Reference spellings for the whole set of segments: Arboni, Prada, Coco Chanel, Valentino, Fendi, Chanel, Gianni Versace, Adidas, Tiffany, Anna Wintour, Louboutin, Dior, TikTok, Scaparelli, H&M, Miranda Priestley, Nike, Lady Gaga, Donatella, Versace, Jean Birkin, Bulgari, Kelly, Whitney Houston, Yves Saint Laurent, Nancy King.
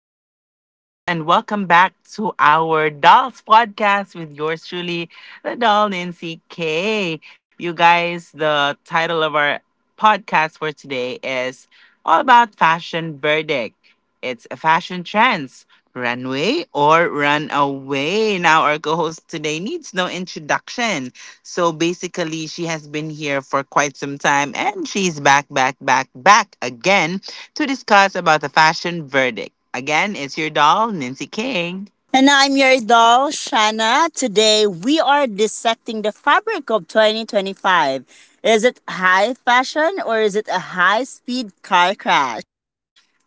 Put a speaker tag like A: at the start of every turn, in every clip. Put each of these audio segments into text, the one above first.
A: day to all, and welcome back to our Dolls Podcast with yours truly, the doll Nancy K. You guys, the title of our podcast for today is all about fashion verdict. It's a fashion trends. Runway or run away. Now, our co host today needs no introduction. So basically, she has been here for quite some time and she's back again to discuss about the fashion verdict. Again, it's your doll, Nancy King.
B: And I'm your doll, Shana. Today we are dissecting the fabric of 2025. Is it high fashion or is it a high speed car crash?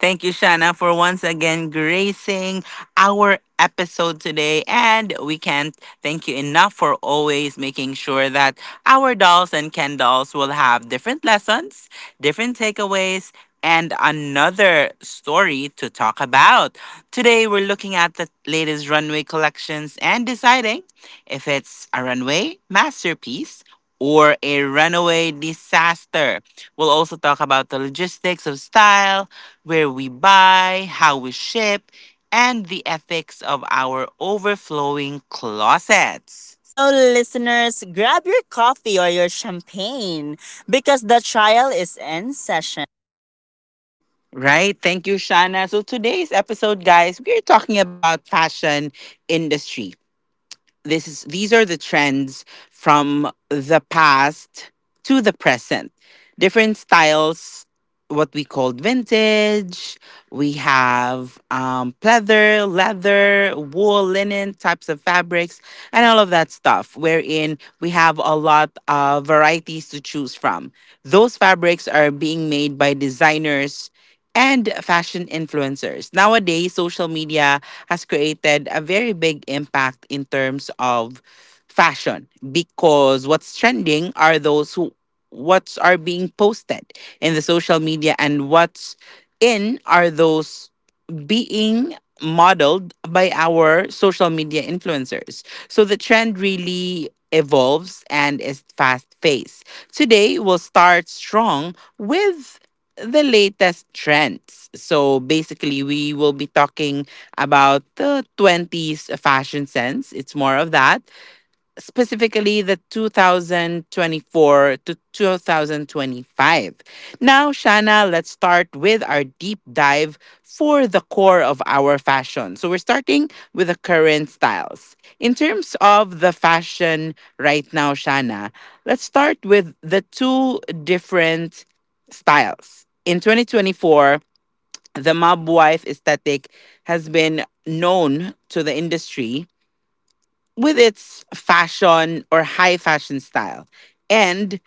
A: Thank you, Shanna, for once again gracing our episode today. And we can't thank you enough for always making sure that our dolls and Ken dolls will have different lessons, different takeaways, and another story to talk about. Today, we're looking at the latest runway collections and deciding if it's a runway masterpiece or a runaway disaster. We'll also talk about the logistics of style, where we buy, how we ship, and the ethics of our overflowing closets.
B: So, listeners, grab your coffee or your champagne because the trial is in session.
A: Right? Thank you, Shana. So today's episode, guys, we're talking about fashion industry. This is these are the trends from the past to the present, different styles, what we called vintage. We have pleather, leather, wool, linen types of fabrics and all of that stuff, wherein we have a lot of varieties to choose from. Those fabrics are being made by designers and fashion influencers. Nowadays, social media has created a very big impact in terms of fashion, because what's trending are those who, what's are being posted in the social media, and what's in are those being modeled by our social media influencers. So the trend really evolves and is fast paced. Today, we'll start strong with the latest trends. So basically, we will be talking about the 20s fashion sense. It's more of that, specifically the 2024 to 2025. Now, Shana, let's start with our deep dive for the core of our fashion. So, we're starting with the current styles. In terms of the fashion right now, Shana, let's start with the two different styles. In 2024, the mob wife aesthetic has been known to the industry with its fashion or high fashion style. And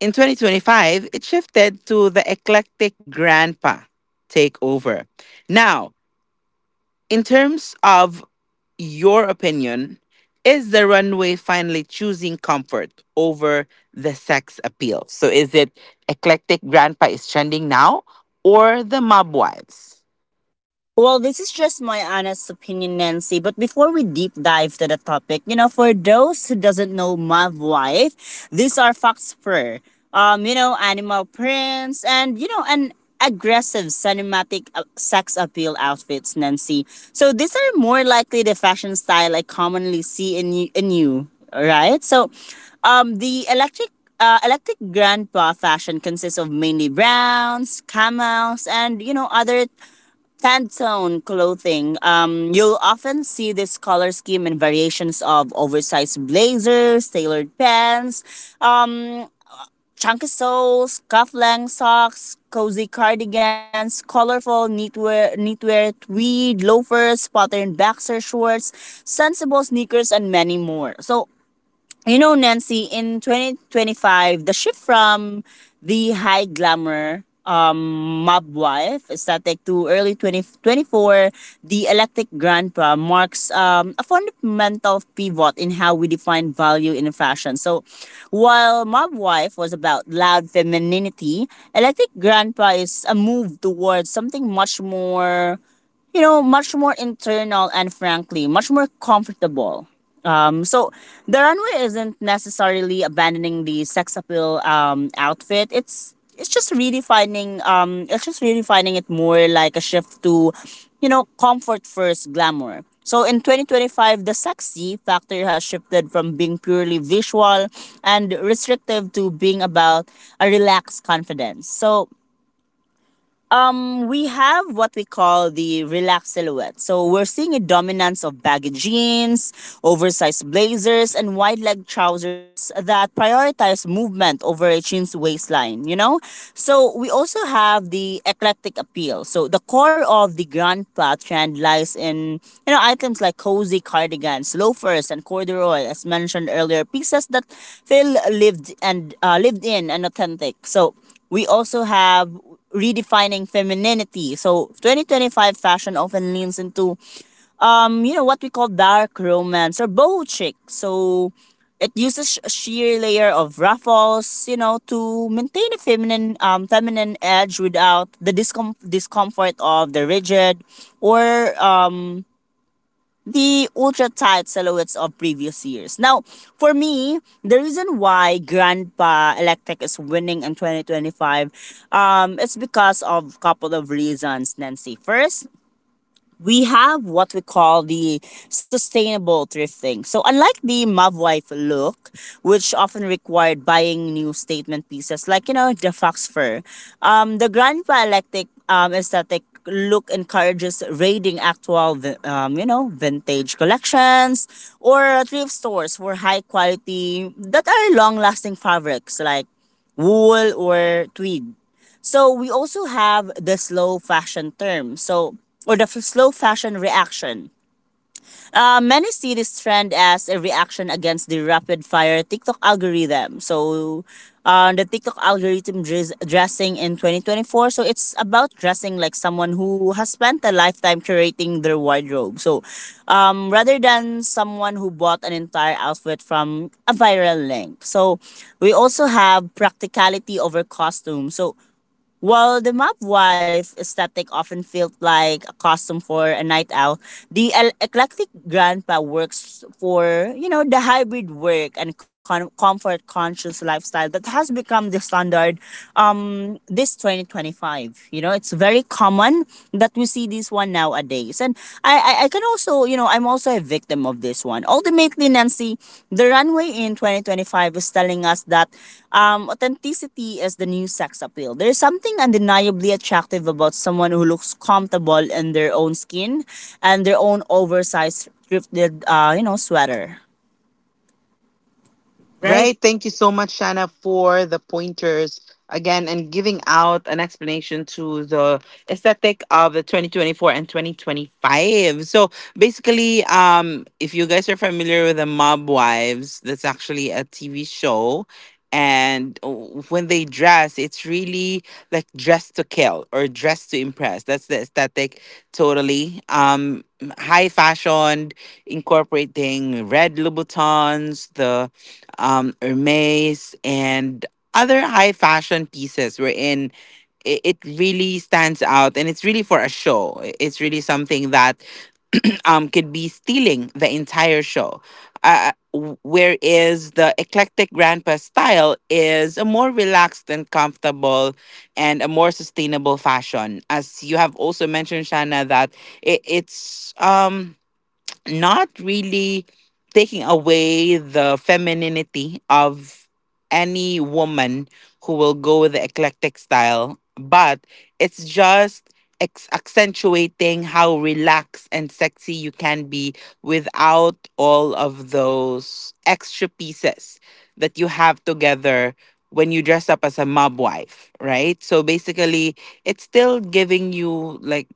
A: in 2025, it shifted to the eclectic grandpa takeover. Now, in terms of your opinion, is the runway finally choosing comfort over the sex appeal? So is it eclectic grandpa is trending now or the mob wives?
B: Well, this is just my honest opinion, Nancy. But before we deep dive to the topic, you know, for those who doesn't know my wife, these are fox fur, you know, animal prints, and you know, an aggressive cinematic sex appeal outfits, Nancy. So these are more likely the fashion style I commonly see in you, right? So, the electric electric grandpa fashion consists of mainly browns, camels, and you know other Pantone clothing. You'll often see this color scheme in variations of oversized blazers, tailored pants, um, chunky soles, cufflink socks, cozy cardigans, colorful knitwear, knitwear tweed loafers, patterned boxer shorts, sensible sneakers, and many more. So you know, Nancy, in 2025, the shift from the high glamour mob wife aesthetic to early 2024, the electric grandpa marks a fundamental pivot in how we define value in fashion. So, while mob wife was about loud femininity, electric grandpa is a move towards something much more you know, much more internal and frankly, much more comfortable. So the runway isn't necessarily abandoning the sex appeal outfit. It's just redefining it's just redefining it more like a shift to, you know, comfort first glamour. So in 2025, the sexy factor has shifted from being purely visual and restrictive to being about a relaxed confidence. So we have what we call the relaxed silhouette. So we're seeing a dominance of baggy jeans, oversized blazers, and wide leg trousers that prioritize movement over a chin's waistline, you know? So we also have the eclectic appeal. So the core of the Grand Plat trend lies in, you know, items like cozy cardigans, loafers, and corduroy, as mentioned earlier, pieces that feel lived and lived in and authentic. So we also have redefining femininity. So 2025 fashion often leans into you know what we call dark romance or boho chic. So it uses a sheer layer of ruffles, you know, to maintain a feminine feminine edge without the discomfort of the rigid or the ultra tight silhouettes of previous years. Now, for me, the reason why Grandpa Electric is winning in 2025 is because of a couple of reasons, Nancy. First, we have what we call the sustainable thrifting. So, unlike the Mavwife look, which often required buying new statement pieces like, you know, the fox fur, the grand dialectic aesthetic look encourages raiding actual, you know, vintage collections or thrift stores for high quality that are long lasting fabrics like wool or tweed. So we also have the slow fashion term. So or the slow fashion reaction. Many see this trend as a reaction against the rapid fire TikTok algorithm. So the TikTok algorithm dressing in 2024. So it's about dressing like someone who has spent a lifetime curating their wardrobe. So rather than someone who bought an entire outfit from a viral link. So we also have practicality over costume. So while the mob wife aesthetic often felt like a costume for a night owl, the eclectic grandpa works for, you know, the hybrid work and comfort conscious lifestyle that has become the standard this 2025. You know, it's very common that we see this one nowadays. And I can also, you know, I'm also a victim of this one. Ultimately, Nancy, the runway in 2025 is telling us that authenticity is the new sex appeal. There's something undeniably attractive about someone who looks comfortable in their own skin and their own oversized, thrifted, you know, sweater. Right?
A: Right. Thank you so much, Shana, for the pointers again and giving out an explanation to the aesthetic of the 2024 and 2025. So basically, if you guys are familiar with the Mob Wives, that's actually a TV show. And when they dress, it's really like dress to kill or dress to impress. That's the aesthetic totally. Um, high fashion, incorporating red Louboutins, the Hermes, and other high fashion pieces, wherein it really stands out and it's really for a show. It's really something that could be stealing the entire show. Whereas the eclectic grandpa style is a more relaxed and comfortable and a more sustainable fashion. As you have also mentioned, Shana, that it, it's. Not really taking away the femininity of any woman who will go with the eclectic style, but it's just accentuating how relaxed and sexy you can be without all of those extra pieces that you have together when you dress up as a mob wife, right? So basically, it's still giving you like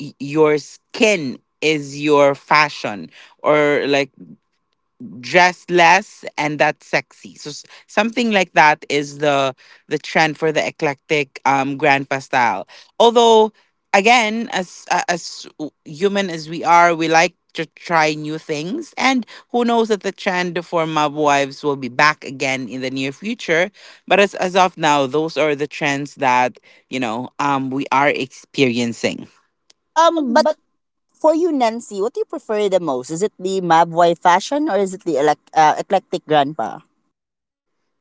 A: your skin is your fashion, or like dress less and that's sexy. So something like that is the trend for the eclectic grandpa style. Although, again, as human as we are, we like to try new things, and who knows that the trend for mob wives will be back again in the near future. But as of now those are the trends that we are experiencing.
B: But for you, Nancy, what do you prefer the most? Is it the Mabway fashion or is it the eclectic grandpa?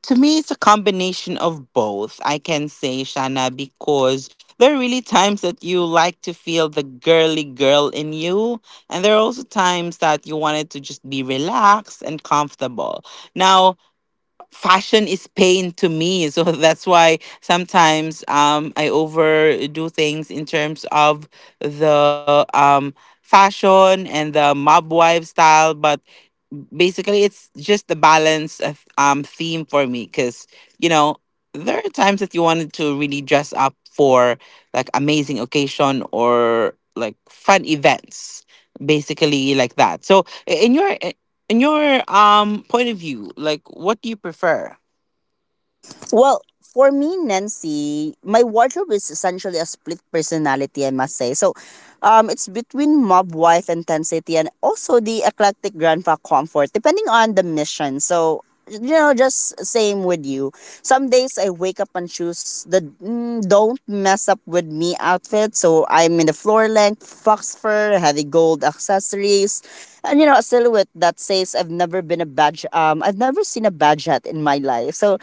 A: To me, it's a combination of both, I can say, Shana, because there are really times that you like to feel the girly girl in you. And there are also times that you wanted to just be relaxed and comfortable. Now, fashion is pain to me. So that's why sometimes I overdo things in terms of the fashion and the mob wife style. But basically it's just the balance of theme for me, because you know there are times that you wanted to really dress up for like amazing occasion or like fun events, basically like that. So in your point of view, like what do you prefer?
B: Well, for me, Nancy, my wardrobe is essentially a split personality, I must say. So, it's between mob wife intensity and also the eclectic grandpa comfort, depending on the mission. So, you know, just same with you. Some days I wake up and choose the don't mess up with me outfit. So I'm in the floor length, fox fur, heavy gold accessories, and you know, a silhouette that says I've never been a badge. I've never seen a badge hat in my life. So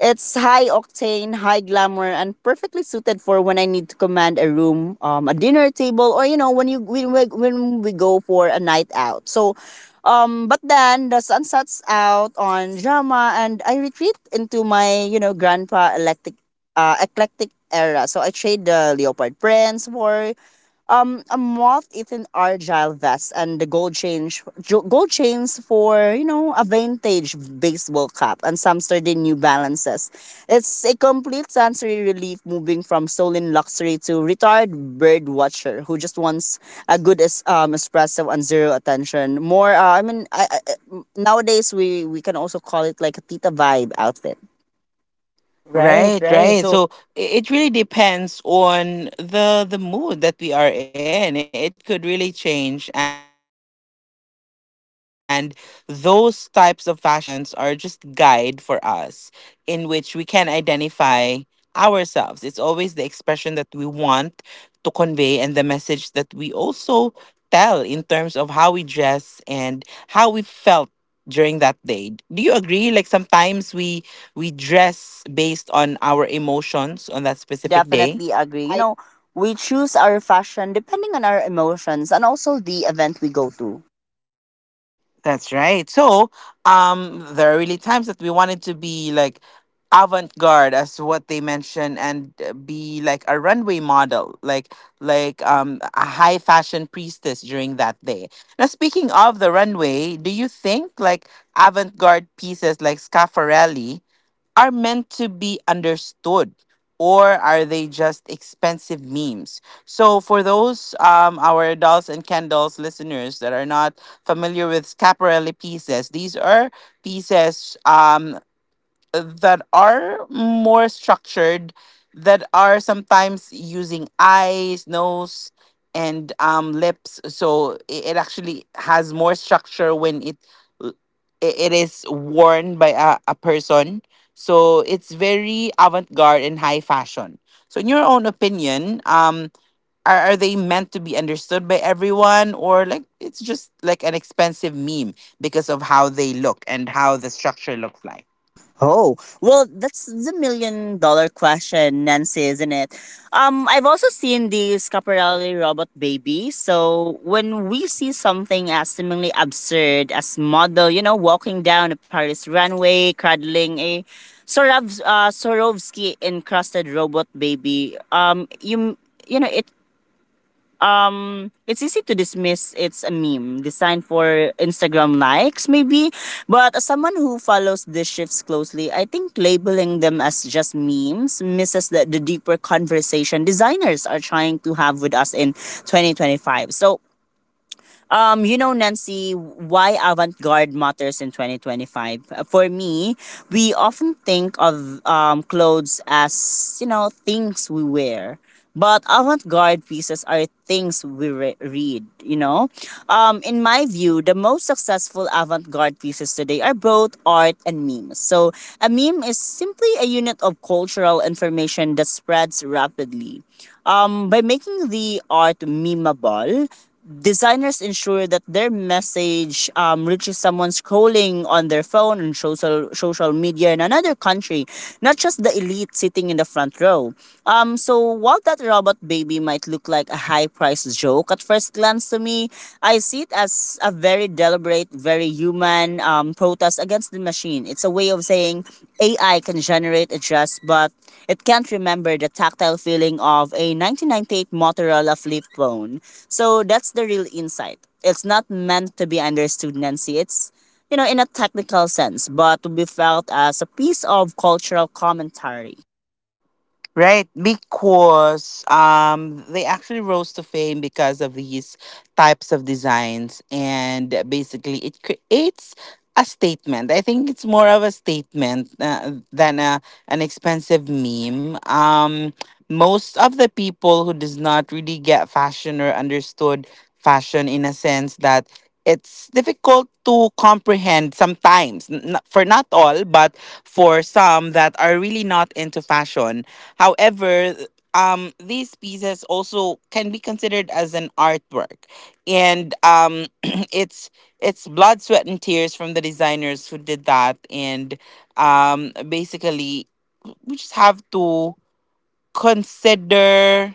B: it's high octane, high glamour, and perfectly suited for when I need to command a room, a dinner table, or you know when we go for a night out. So, but then the sun sets out on drama, and I retreat into my you know grandpa electric, eclectic era. So I trade the leopard prints for a moth eaten argyle vest and the gold chains for you know a vintage baseball cap and some sturdy new balances. It's a complete sensory relief moving from stolen luxury to retired bird watcher who just wants a good espresso and zero attention more nowadays we can also call it like a tita vibe outfit. Right,
A: Right,
B: right.
A: right.
B: So
A: So it really depends on the mood that we are in. It could really change, and those types of fashions are just guide for us in which we can identify ourselves. It's always the expression that we want to convey and the message that we also tell in terms of how we dress and how we felt during that day. Do you agree? Like sometimes we dress based on our emotions on that specific day.
B: I
A: I...
B: definitely agree. You know, we choose our fashion depending on our emotions and also the event we go to.
A: That's right. So, there are really times that we wanted to be like avant-garde, as what they mention, and be like a runway model, like like a high fashion priestess during that day. Now, speaking of the runway, do you think like avant-garde pieces like Scafarelli are meant to be understood, or are they just expensive memes? So, for those our adults and candles listeners that are not familiar with scaparelli pieces, these are pieces that are more structured, that are sometimes using eyes, nose, and lips. So it actually has more structure when l- it is worn by a person. So it's very avant-garde and high fashion. So in your own opinion, are they meant to be understood by everyone, or like it's just like an expensive meme because of how they look and how the structure looks like?
B: Oh, well, that's the million-dollar question, Nancy, isn't it? I've also seen the Scaparelli robot baby. So when we see something as seemingly absurd as model, you know, walking down a Paris runway, cradling a Sorovsky encrusted robot baby, you know, it's easy to dismiss. It's a meme designed for Instagram likes, maybe, but as someone who follows these shifts closely, I think labeling them as just memes misses the deeper conversation designers are trying to have with us in 2025. So you know, Nancy, why avant garde matters in 2025? For me, we often think of clothes as, you know, things we wear. But avant garde pieces are things we read, you know? In my view, the most successful avant garde pieces today are both art and memes. So, a meme is simply a unit of cultural information that spreads rapidly. By making the art memeable, designers ensure that their message reaches someone scrolling on their phone and social media in another country, not just the elite sitting in the front row. So while that robot baby might look like a high priced joke at first glance to me, I see it as a very deliberate, very human protest against the machine. It's a way of saying AI can generate a dress, but it can't remember the tactile feeling of a 1998 Motorola flip phone. So that's the real insight. It's not meant to be understood, Nancy. It's, you know, in a technical sense, but to be felt as a piece of cultural commentary.
A: Right, because they actually rose to fame because of these types of designs, and basically it creates a statement. I think it's more of a statement, than an expensive meme. Most of the people who does not really get fashion or understood fashion in a sense that it's difficult to comprehend sometimes, for not all but for some that are really not into fashion. However, these pieces also can be considered as an artwork, and it's blood, sweat, and tears from the designers who did that, and basically we just have to consider,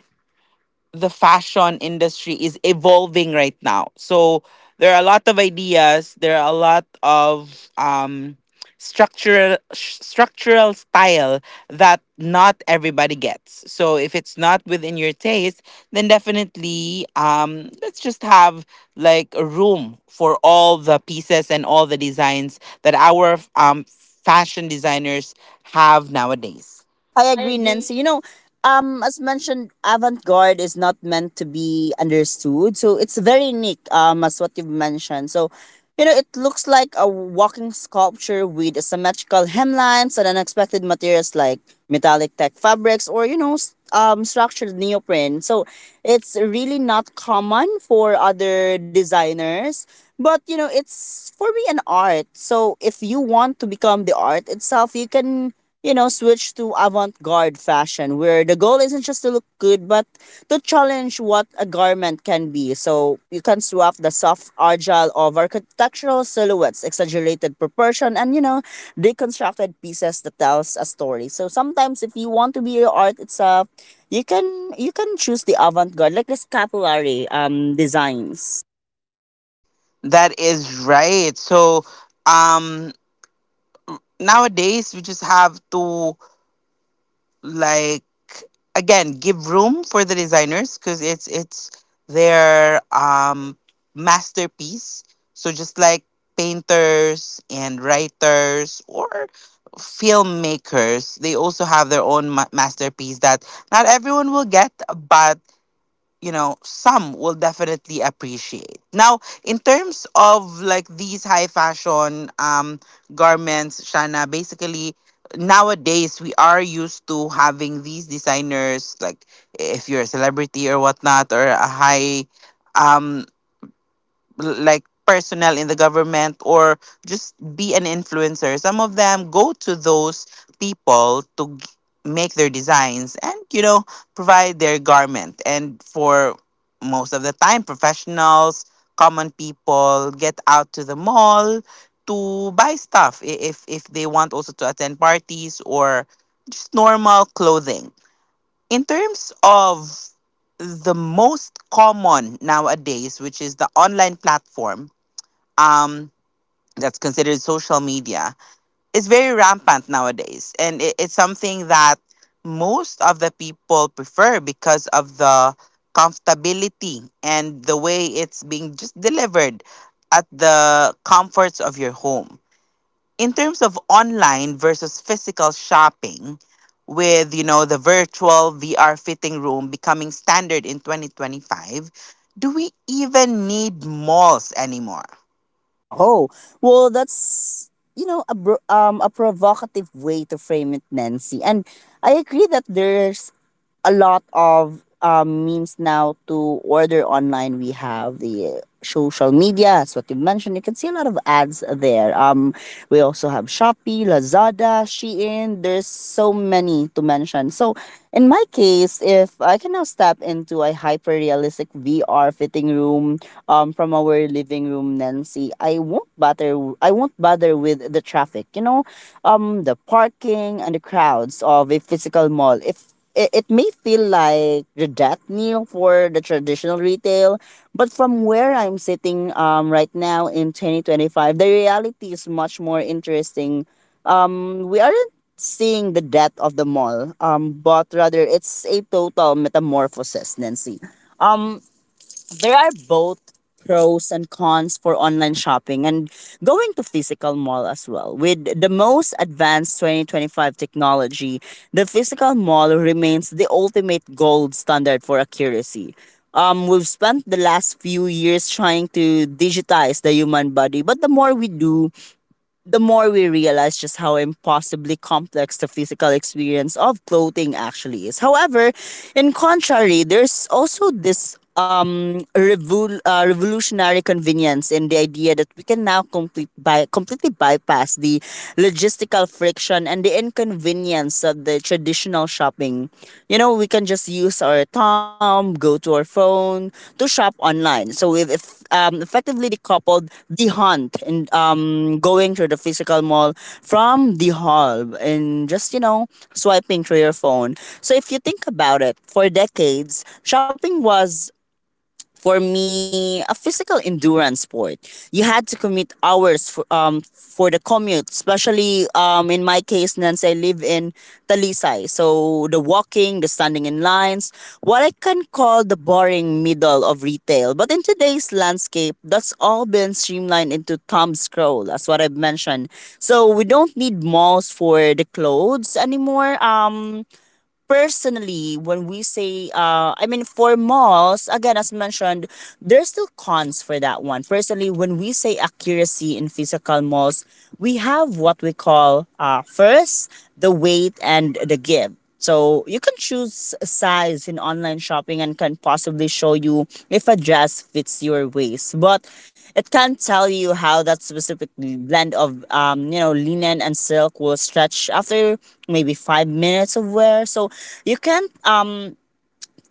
A: the fashion industry is evolving right now. So there are a lot of ideas. There are a lot of structural style that not everybody gets. So if it's not within your taste, then definitely let's just have like a room for all the pieces and all the designs that our fashion designers have nowadays.
B: I agree, Nancy. You know, as mentioned, avant-garde is not meant to be understood, so it's very unique. As what you've mentioned, so you know, it looks like a walking sculpture with asymmetrical hemlines and unexpected materials like metallic tech fabrics or you know, structured neoprene. So it's really not common for other designers. But you know, it's for me an art. So if you want to become the art itself, you can you know, switch to avant garde fashion where the goal isn't just to look good but to challenge what a garment can be. So you can swap the soft agile of architectural silhouettes, exaggerated proportion, and you know, deconstructed pieces that tells a story. So sometimes if you want to be your art itself, you can choose the avant garde, like the scapulary designs.
A: That is right. So um nowadays we just have to, like, again give room for the designers, because it's their masterpiece. So just like painters and writers or filmmakers, they also have their own masterpiece that not everyone will get, but you know some will definitely appreciate. Now, in terms of like these high fashion garments, Shana, basically nowadays we are used to having these designers. Like, if you're a celebrity or whatnot, or a high um like personnel in the government, or just be an influencer, some of them go to those people to make their designs and you know provide their garment. And for most of the time professionals, common people get out to the mall to buy stuff if they want also to attend parties or just normal clothing. In terms of the most common nowadays, which is the online platform, um, that's considered social media, is very rampant nowadays, and it's something that most of the people prefer because of the comfortability and the way it's being just delivered at the comforts of your home. In terms of online versus physical shopping, with you know the virtual VR fitting room becoming standard in 2025, do we even need malls anymore?
B: Oh, well, that's you know a a provocative way to frame it, Nancy. And I agree that there's a lot of means now to order online. We have the social media, as what you mentioned. You can see a lot of ads there. We also have Shopee, Lazada, Shein. There's so many to mention. So, in my case, if I can now step into a hyper realistic VR fitting room from our living room, Nancy, I won't bother. I won't bother with the traffic. You know, the parking and the crowds of a physical mall. If it, it may feel like the death knell for the traditional retail, but from where I'm sitting right now in 2025, the reality is much more interesting. We aren't seeing the death of the mall, but rather it's a total metamorphosis, Nancy. Um, there are both pros and cons for online shopping and going to physical mall as well. With the most advanced 2025 technology, the physical mall remains the ultimate gold standard for accuracy. We've spent the last few years trying to digitize the human body, but the more we do, the more we realize just how impossibly complex the physical experience of clothing actually is. However, in contrary, there's also this revolutionary convenience in the idea that we can now completely bypass the logistical friction and the inconvenience of the traditional shopping. You know, we can just use our thumb, go to our phone to shop online. So we've effectively decoupled the hunt and going through the physical mall from the hall and just, you know, swiping through your phone. So if you think about it, for decades, shopping was for me a physical endurance sport. You had to commit hours for the commute, especially in my case, Nance. I live in Talisay, so the walking, the standing in lines, what I can call the boring middle of retail. But in today's landscape, that's all been streamlined into thumb scroll, as what I've mentioned. So we don't need malls for the clothes anymore. Personally, when we say, I mean, For malls, again, as mentioned, there's still cons for that one. Personally, when we say accuracy in physical malls, we have what we call first the weight and the give. So you can choose size in online shopping and can possibly show you if a dress fits your waist. But it can't tell you how that specific blend of linen and silk will stretch after maybe 5 minutes of wear. So you can't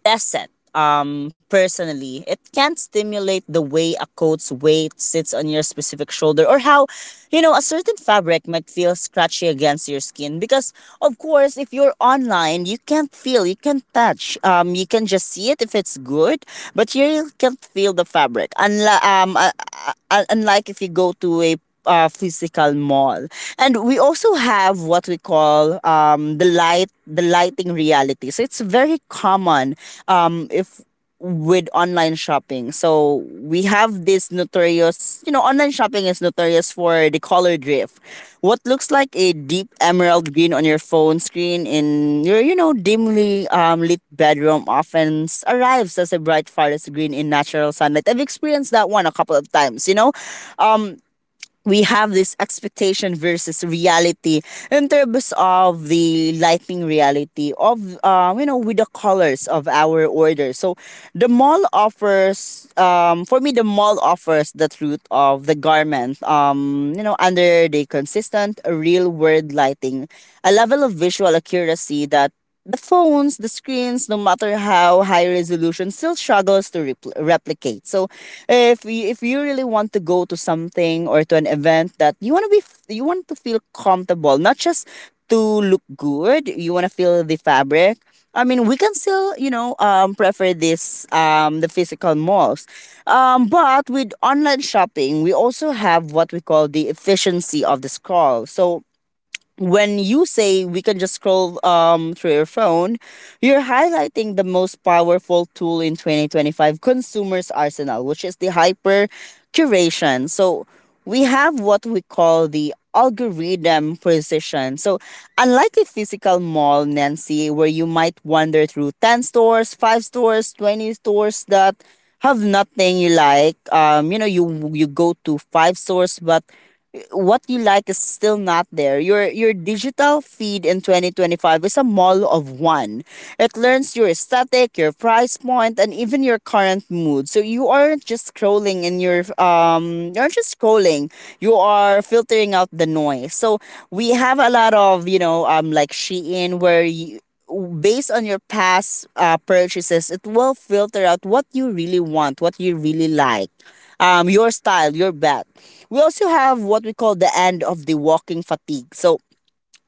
B: test it. Um, personally, it can not stimulate the way a coat's weight sits on your specific shoulder or how you know, a certain fabric might feel scratchy against your skin. Because, of course, if you're online, you can't feel, you can't touch. You can just see it if it's good, but here you really can't feel the fabric. Unlike if you go to a physical mall. And we also have what we call the lighting reality. So it's very common if with online shopping. So we have this notorious, you know, online shopping is notorious for the color drift. What looks like a deep emerald green on your phone screen in your you know, dimly lit bedroom often arrives as a bright forest green in natural sunlight. I've experienced that one a couple of times. You know. Um, we have this expectation versus reality in terms of the lighting reality of you know with the colors of our order. So the mall offers, for me, the mall offers the truth of the garment you know under the consistent real world lighting, a level of visual accuracy that the phones, the screens, no matter how high resolution, still struggles to replicate. So, if you really want to go to something or to an event that you want to be, you want to feel comfortable, not just to look good. You want to feel the fabric. I mean, we can still, you know, prefer the physical malls. But with online shopping, we also have what we call the efficiency of the scroll. So when you say we can just scroll through your phone, you're highlighting the most powerful tool in 2025 consumers arsenal, which is the hyper curation. So we have what we call the algorithm precision. So unlike a physical mall, Nancy, where you might wander through 10 stores, 5 stores, 20 stores that have nothing you like, you go to five stores, but what you like is still not there. Your digital feed in 2025 is a mall of one. It learns your aesthetic, your price point, and even your current mood. So you aren't just scrolling in your you're just scrolling. You are filtering out the noise. So we have a lot of you know, like Shein, where you, based on your past purchases, it will filter out what you really want, what you really like, your style, your bat. We also have what we call the end of the walking fatigue. So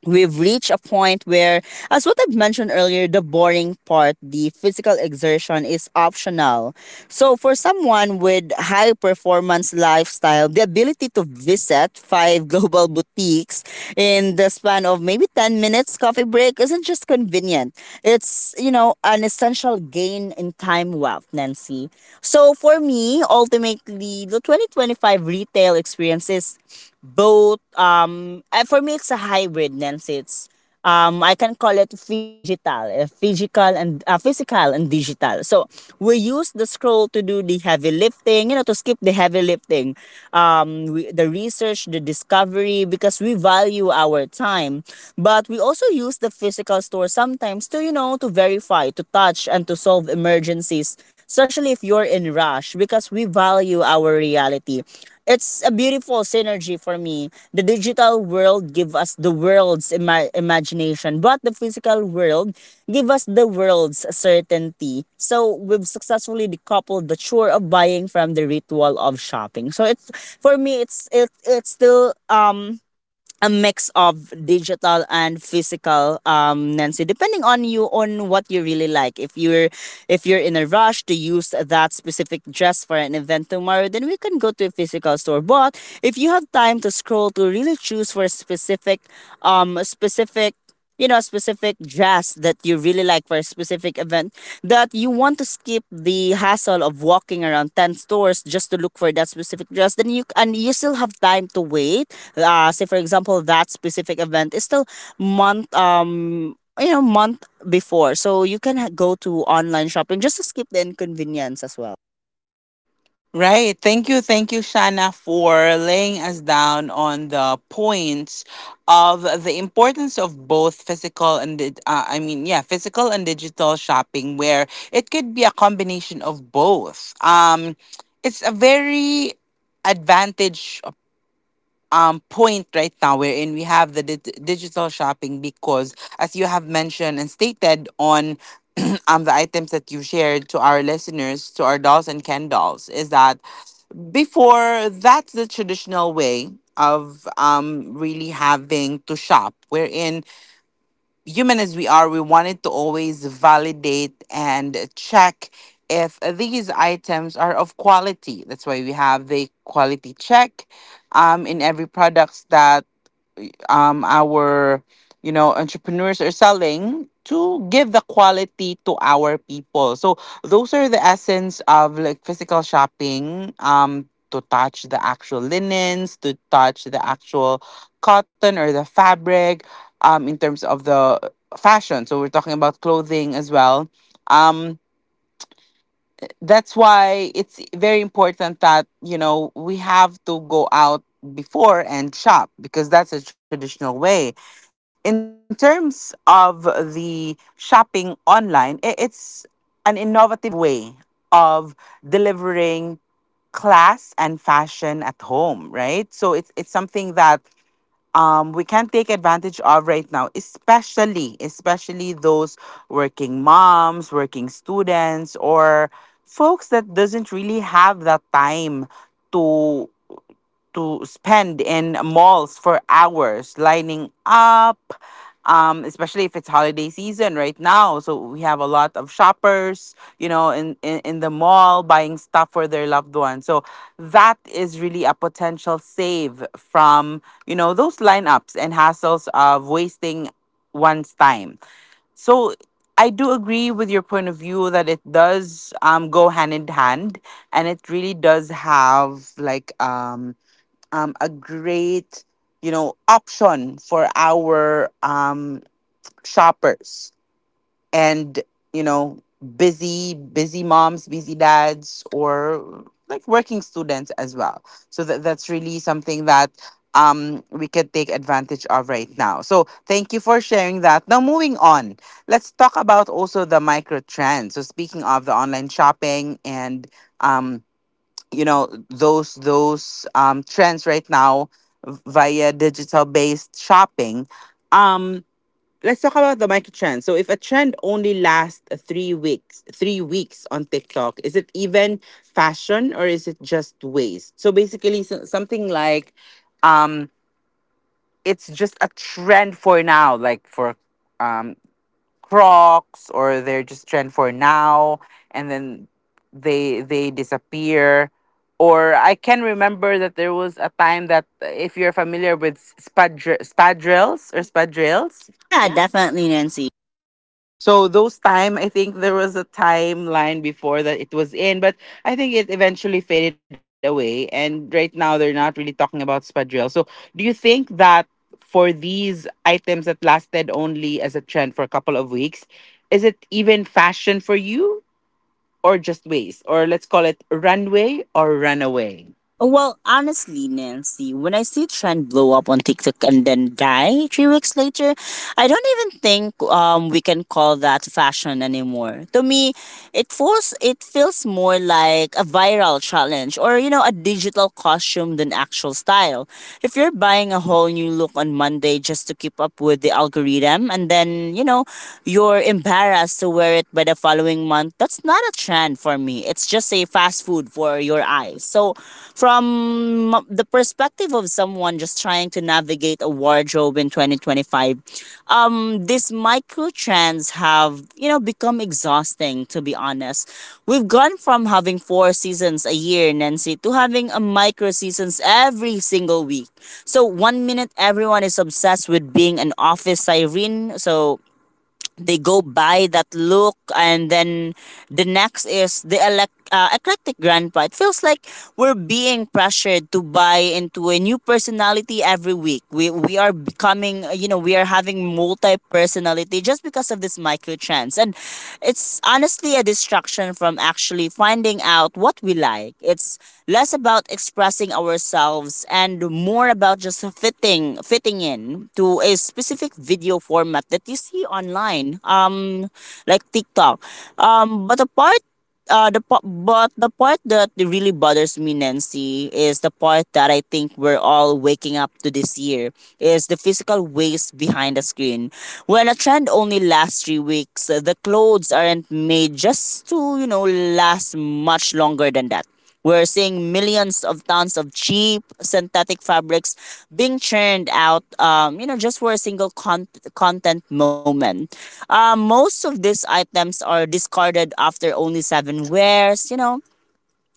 B: we've reached a point where, as what I've mentioned earlier, the boring part, the physical exertion is optional. So for someone with high performance lifestyle, the ability to visit five global boutiques in the span of maybe 10 minutes coffee break isn't just convenient. It's you know, an essential gain in time wealth, Nancy. So for me, ultimately, the 2025 retail experience is both for me, it's a hybrid, Nancy. It's I can call it digital physical and physical and digital. So we use the scroll to do the heavy lifting, you know to skip the heavy lifting. The research, the discovery, because we value our time, but we also use the physical store sometimes to you know to verify, to touch, and to solve emergencies, especially if you're in rush, because we value our reality. It's a beautiful synergy for me. The digital world give us the world's imagination, but the physical world give us the world's certainty. So we've successfully decoupled the chore of buying from the ritual of shopping. So it's, for me, it's still a mix of digital and physical, Nancy, depending on you, on what you really like. If you're in a rush to use that specific dress for an event tomorrow, then we can go to a physical store. But if you have time to scroll, to really choose for a specific, you know, specific jazz that you really like for a specific event, that you want to skip the hassle of walking around 10 stores just to look for that specific dress, then you, and you still have time to wait. Say for example, that specific event is still month you know month before, so you can go to online shopping just to skip the inconvenience as well.
A: Right. Thank you. Thank you, Shana, for laying us down on the points of the importance of both physical and, physical and digital shopping, where it could be a combination of both. It's a very advantage point right now, wherein we have the digital shopping because, as you have mentioned and stated on the items that you shared to our listeners, to our dolls and ken dolls, is that before, that's the traditional way of really having to shop, wherein, human as we are, we wanted to always validate and check if these items are of quality. That's why we have the quality check in every products that our entrepreneurs are selling, to give the quality to our people. So those are the essence of like physical shopping, to touch the actual linens, to touch the actual cotton or the fabric, in terms of the fashion, so we're talking about clothing as well, um that's why it's very important that we have to go out before and shop, because that's a traditional way. In terms of the shopping online, it's an innovative way of delivering class and fashion at home, right? So it's something that we can take advantage of right now, especially those working moms, working students, or folks that doesn't really have that time to spend in malls for hours lining up, especially if it's holiday season right now, so we have a lot of shoppers, in the mall buying stuff for their loved ones. So that is really a potential save from those lineups and hassles of wasting one's time. So I do agree with your point of view that it does, go hand in hand, and it really does have like, a great, option for our, shoppers, and you know busy moms, busy dads, or like working students as well. So that's really something that, we can take advantage of right now. So thank you for sharing that. Now, moving on, let's talk about also the micro trends. So, speaking of the online shopping and, um, those trends right now via digital based shopping, um let's talk about the micro trends. So, if a trend only lasts 3 weeks, 3 weeks on TikTok, is it even fashion, or is it just waste? So basically, so, something like, um it's just a trend for now, like for, um Crocs, or they're just trend for now, and then they disappear. Or I can remember that there was a time that, if you're familiar with spadrilles or spadrilles,
B: Yeah, definitely, Nancy.
A: so those time, I think there was a timeline before that it was in, but I think it eventually faded away. And right now, they're not really talking about spadrille. So do you think that for these items that lasted only as a trend for a couple of weeks, is it even fashion for you, or just waste? Or let's call it runway or runaway?
B: Well, honestly, Nancy, when I see trend blow up on TikTok and then die 3 weeks later, I don't even think we can call that fashion anymore. To me, it feels more like a viral challenge or you know a digital costume than actual style. If you're buying a whole new look on Monday just to keep up with the algorithm, and then you know you're embarrassed to wear it by the following month, that's not a trend for me. It's just a fast food for your eyes. So, from the perspective of someone just trying to navigate a wardrobe in 2025, these micro trends have you know, become exhausting, to be honest. We've gone from having 4 seasons a year, Nancy, to having a micro seasons every single week. So, one minute everyone is obsessed with being an office siren. So, they go by that look, and then the next is the eclectic grandpa. It feels like we're being pressured to buy into a new personality every week. We are becoming you know we are having multi personality just because of this micro trends. And it's honestly a distraction from actually finding out what we like. It's less about expressing ourselves and more about just fitting in to a specific video format that you see online, like TikTok. um but the part but the part that really bothers me, Nancy, is the part that I think we're all waking up to this year, is the physical waste behind the screen. When a trend only lasts 3 weeks, the clothes aren't made just to you know last much longer than that. We're seeing millions of tons of cheap synthetic fabrics being churned out, you know, just for a single content moment. Most of these items are discarded after only 7 wears, you know,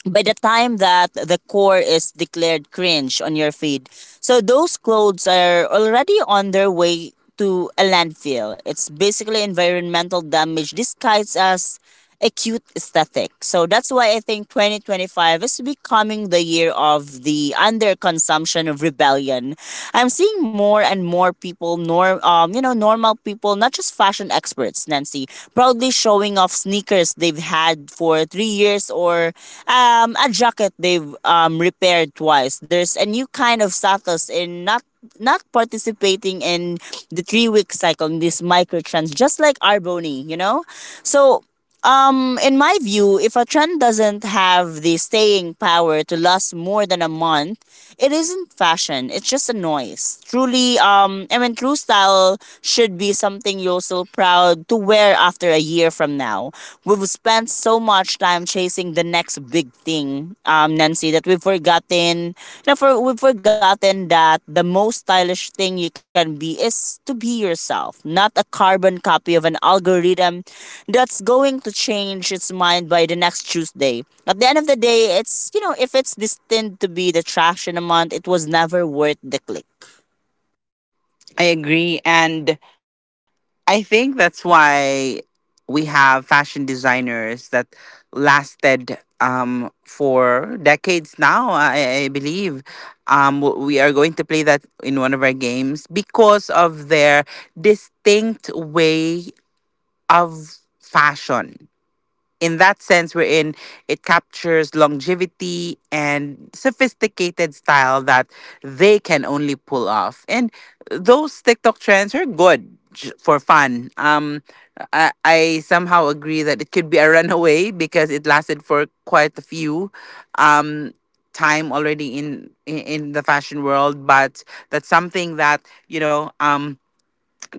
B: by the time that the core is declared cringe on your feed. So those clothes are already on their way to a landfill. It's basically environmental damage disguised as a cute aesthetic. So that's why I think 2025 is becoming the year of the underconsumption of rebellion. I'm seeing more and more people, nor you know, normal people, not just fashion experts, Nancy, proudly showing off sneakers they've had for 3 years or a jacket they've repaired twice. There's a new kind of status in not participating in the 3 week cycle in this microtrans, just like arboni. You know so, in my view, if a trend doesn't have the staying power to last more than a month, it isn't fashion. It's just a noise. Truly, true style should be something you're still proud to wear after a year from now. We've spent so much time chasing the next big thing, Nancy, that we've forgotten. You know, for We've forgotten that the most stylish thing you can be is to be yourself, not a carbon copy of an algorithm that's going to change its mind by the next Tuesday. At the end of the day, if it's destined to be the trash in a month, it was never worth the click.
A: I agree. And I think that's why we have fashion designers that lasted, for decades now, I believe. We are going to play that in one of our games because of their distinct way of fashion, in that sense wherein it captures longevity and sophisticated style that they can only pull off. And those TikTok trends are good for fun. I somehow agree that it could be a runaway because it lasted for quite a few, um time already in the fashion world. But that's something that, you know um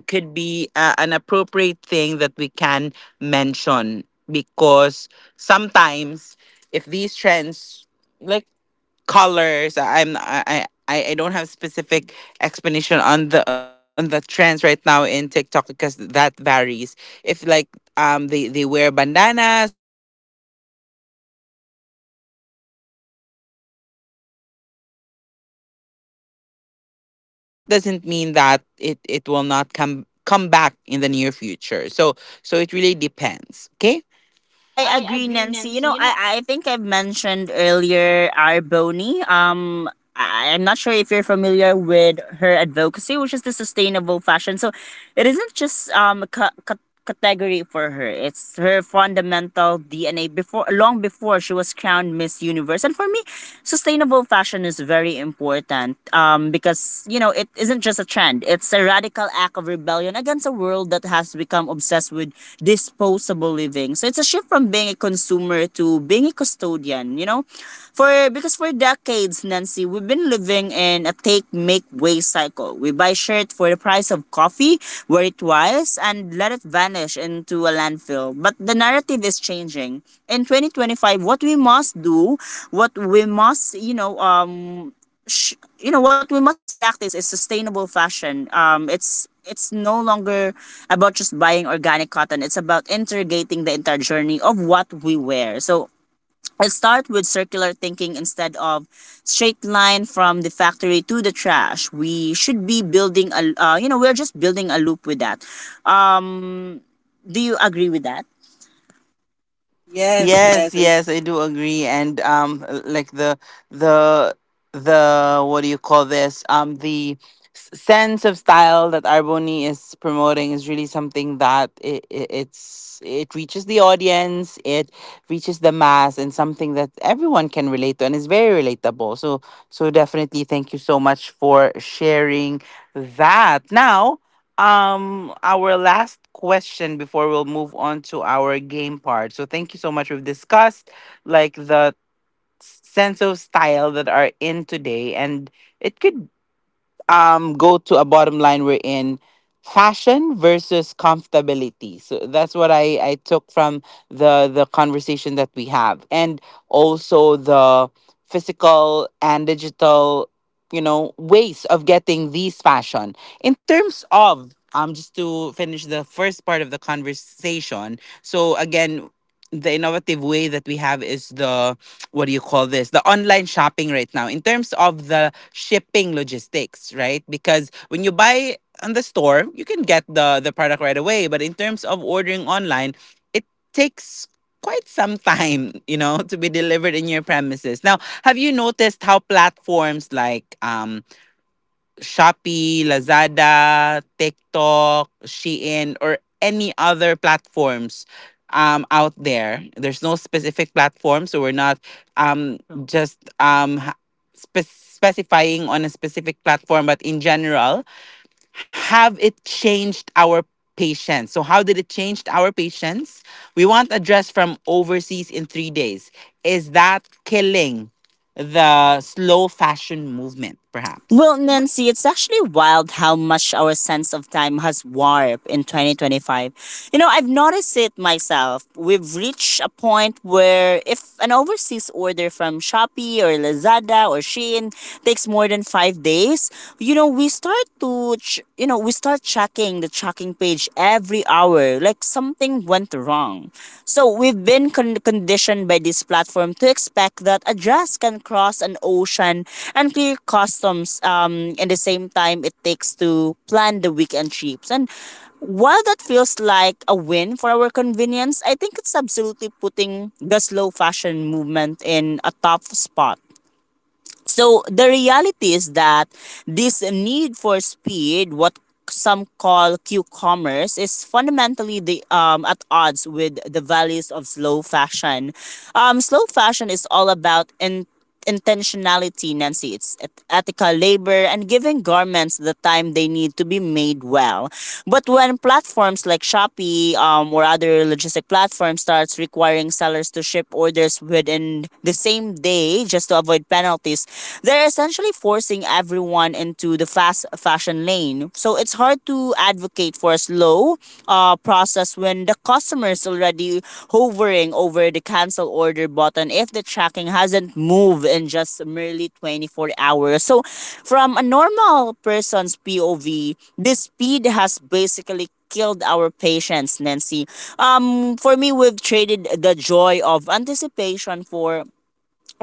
A: could be, an appropriate thing that we can mention, because sometimes, if these trends, like colors. I'm I don't have specific explanation on the trends right now in TikTok, because that varies. If, like, they wear bandanas, or similar colors or specific colors, and then that only lasted for quite some time, it could be a runaway. But that doesn't mean that it will not come back in the near future. So it really depends. Okay.
B: I
A: I
B: agree,
A: agree,
B: Nancy. You
A: Nancy.
B: know,
A: You know,
B: I think I've mentioned earlier Arboni. I'm not sure if you're familiar with her advocacy, which is the sustainable fashion. So it isn't just a category for her. It's her fundamental DNA before long before she was crowned Miss Universe. And for me, sustainable fashion is very important because, you know, it isn't just a trend. It's a radical act of rebellion against a world that has become obsessed with disposable living. So it's a shift from being a consumer to being a custodian, you know? For because for decades, Nancy, we've been living in a take make waste cycle. We buy shirt for the price of coffee, wear it twice, and let it vanish into a landfill. But the narrative is changing. In 2025, what we must do, what we must, you know, sh- you know what we must practice is sustainable fashion. It's no longer about just buying organic cotton. It's about integrating the entire journey of what we wear. So let's start with circular thinking. Instead of straight line from the factory to the trash, we should be building a you know we're just building a loop with that. um do you agree with that? Yes,
A: yes,
B: yes.
A: yes, I do agree. And like the the what do you call this? The sense of style that Arboni is promoting is really something that it reaches the audience, it reaches the mass, and something that everyone can relate to and is very relatable. So definitely thank you so much for sharing that. Now, our last question before we'll move on to our game part. So thank you so much. We've discussed like the sense of style that are in today, and it could, go to a bottom line, we're in fashion versus comfortability. So that's what I took from the conversation that we have, and also the physical and digital, ways of getting these fashion, in terms of, just to finish the first part of the conversation. So again, the innovative way that we have is the, what do you call this, the online shopping right now, in terms of the shipping logistics, right? Because when you buy on the store, you can get the product right away. But in terms of ordering online, it takes quite some time, to be delivered in your premises. Now, have you noticed how platforms like, Shopee, Lazada, TikTok, Shein, or any other platforms, out there? There's no specific platform, so we're not, um, just, specifying on a specific platform, but in general, have it changed our patients? So, how did it change our patients? We want a dress from overseas in 3 days. Is that killing the slow fashion movement, perhaps?
B: Well, Nancy, it's actually wild how much our sense of time has warped in 2025. You know, I've noticed it myself. We've reached a point where if an overseas order from Shopee or Lazada or Shein takes more than 5 days, you know, we start checking the tracking page every hour, like something went wrong. So we've been conditioned by this platform to expect that a dress can cross an ocean and clear customs in the same time it takes to plan the weekend trips. And while that feels like a win for our convenience, I think it's absolutely putting the slow fashion movement in a tough spot. So the reality is that this need for speed, what some call Q-commerce, is fundamentally the at odds with the values of slow fashion. Slow fashion is all about intentionality, Nancy. It's ethical labor and giving garments the time they need to be made well. But when platforms like Shopee or other logistic platforms starts requiring sellers to ship orders within the same day, just to avoid penalties, they're essentially forcing everyone into the fast fashion lane. So it's hard to advocate for a slow process when the customer is already hovering over the cancel order button if the tracking hasn't moved in just merely 24 hours. So from a normal person's POV, this speed has basically killed our patience, Nancy. For me, we've traded the joy of anticipation for,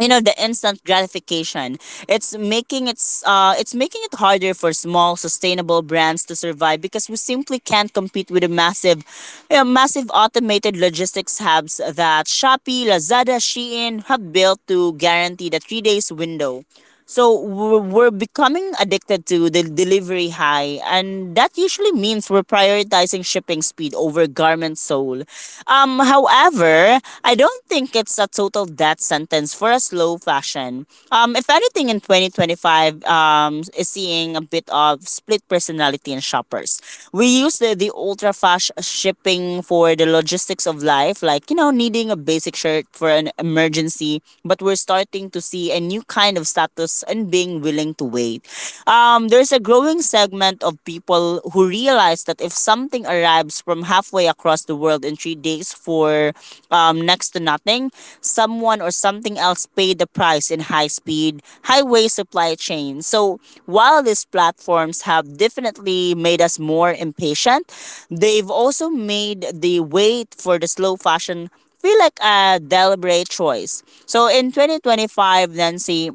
B: you know, the instant gratification. It's making it harder for small sustainable brands to survive because we simply can't compete with the massive, you know, massive automated logistics hubs that Shopee Lazada Shein have built to guarantee the 3 days window. So we're becoming addicted to the delivery high, and that usually means we're prioritizing shipping speed over garment sole. However, I don't think it's a total death sentence for a slow fashion. If anything, in 2025, is seeing a bit of split personality in shoppers. We use the ultra fast shipping for the logistics of life, like, you know, needing a basic shirt for an emergency, but we're starting to see a new kind of status and being willing to wait. There's a growing segment of people who realize that if something arrives from halfway across the world in 3 days for, next to nothing, someone or something else paid the price in high speed, highway supply chain. So while these platforms have definitely made us more impatient, they've also made the wait for the slow fashion feel like a deliberate choice. So in 2025, Nancy,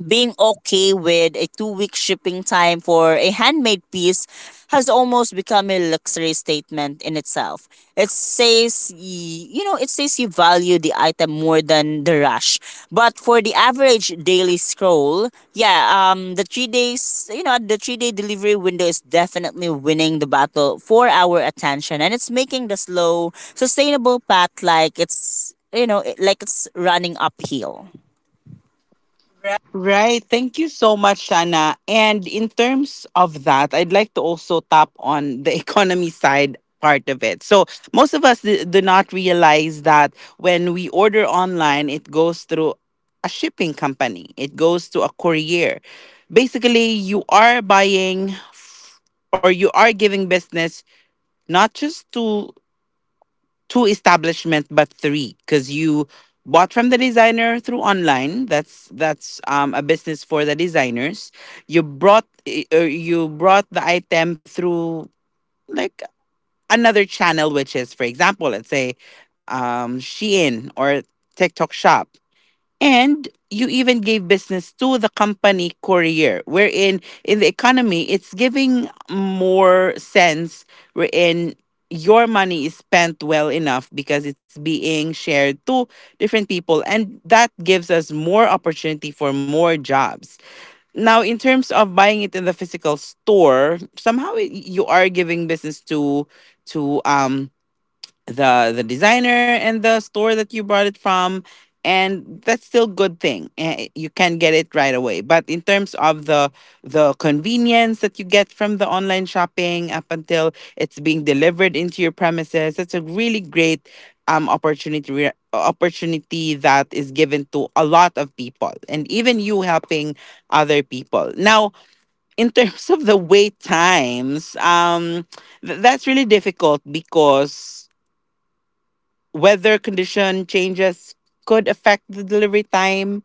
B: being okay with a 2 week shipping time for a handmade piece has almost become a luxury statement in itself. It says, you know, it says you value the item more than the rush. But for the average daily scroll, yeah, the 3 days, you know, the 3 day delivery window is definitely winning the battle for our attention. And it's making the slow, sustainable path like it's, you know, like it's running uphill.
A: Right. Thank you so much, Shana. And in terms of that, I'd like to also tap on the economy side part of it. So most of us do not realize that when we order online, it goes through a shipping company, it goes to a courier. Basically, you are buying, or you are giving business not just to two establishments, but three. Because you bought from the designer through online, that's a business for the designers. You brought you brought the item through like another channel, which is, for example, let's say, Shein or TikTok shop. And you even gave business to the company courier, wherein in the economy, it's giving more sense, wherein your money is spent well enough because it's being shared to different people. And that gives us more opportunity for more jobs. Now, in terms of buying it in the physical store, somehow you are giving business to, to um the designer and the store that you bought it from. And that's still good thing. Eh, you can get it right away. But in terms of the convenience that you get from the online shopping, up until it's being delivered into your premises, that's a really great, opportunity, opportunity that is given to a lot of people, and even you helping other people. Now, in terms of the wait times, that's really difficult, because weather condition changes could affect the delivery time,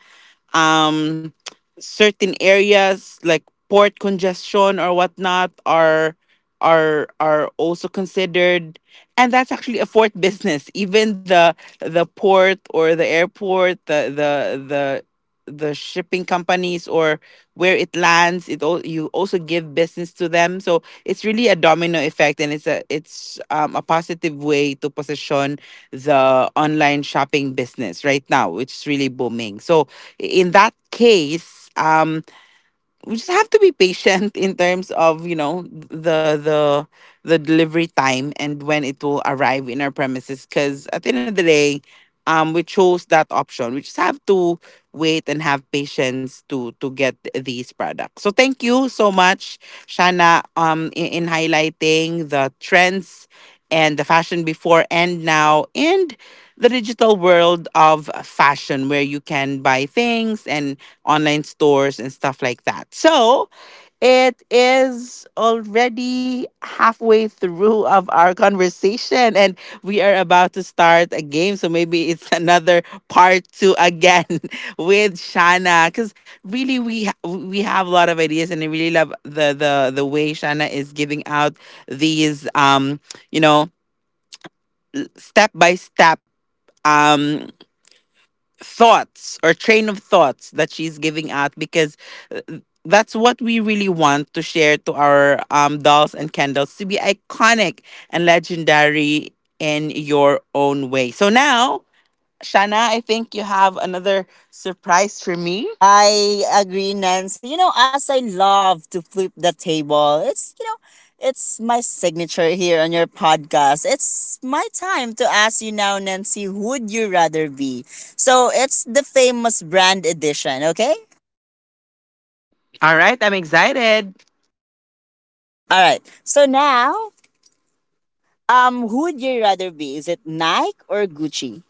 A: um certain areas like port congestion or whatnot are also considered. And that's actually a fourth business, even the port or the airport, the the shipping companies, or where it lands it all, you also give business to them. So it's really a domino effect, and it's a positive way to position the online shopping business right now, which is really booming. So in that case, we just have to be patient in terms of, the delivery time and when it will arrive in our premises. Because at the end of the day, we chose that option. We just have to wait and have patience to get these products. So thank you so much, Shana. In highlighting the trends and the fashion before and now, and the digital world of fashion, where you can buy things and online stores and stuff like that. So it is already halfway through of our conversation, and we are about to start a game. So maybe it's another part two again, with Shana. Cause really we we have a lot of ideas, and I really love the way Shana is giving out these, you know, step by step, um thoughts or train of thoughts that she's giving out. Because, uh, that's what we really want to share to our, dolls and candles, to be iconic and legendary in your own way. So now, Shana, I think you have another surprise for me.
B: I
A: I
B: agree, Nancy. You know, as I love to flip the table, it's, you know, it's my signature here on your podcast. It's my time to ask you now, Nancy, who would you rather be? So it's the famous brand edition, okay?
A: All right, I'm excited.
B: All right. So now, who would you rather be? Is it Nike or Gucci?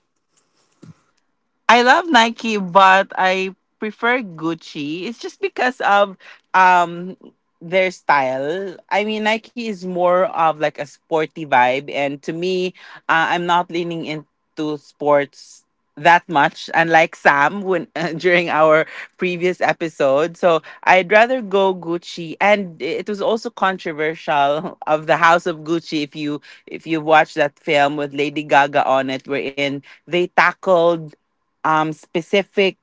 A: I love Nike, but I prefer Gucci. It's just because of, um their style. I mean, Nike is more of like a sporty vibe, and to me, I'm not leaning into sports that much. Unlike Sam, when during our previous episode, so I'd rather go Gucci. And it was also controversial of the House of Gucci. If you watch that film with Lady Gaga on it, wherein they tackled, specific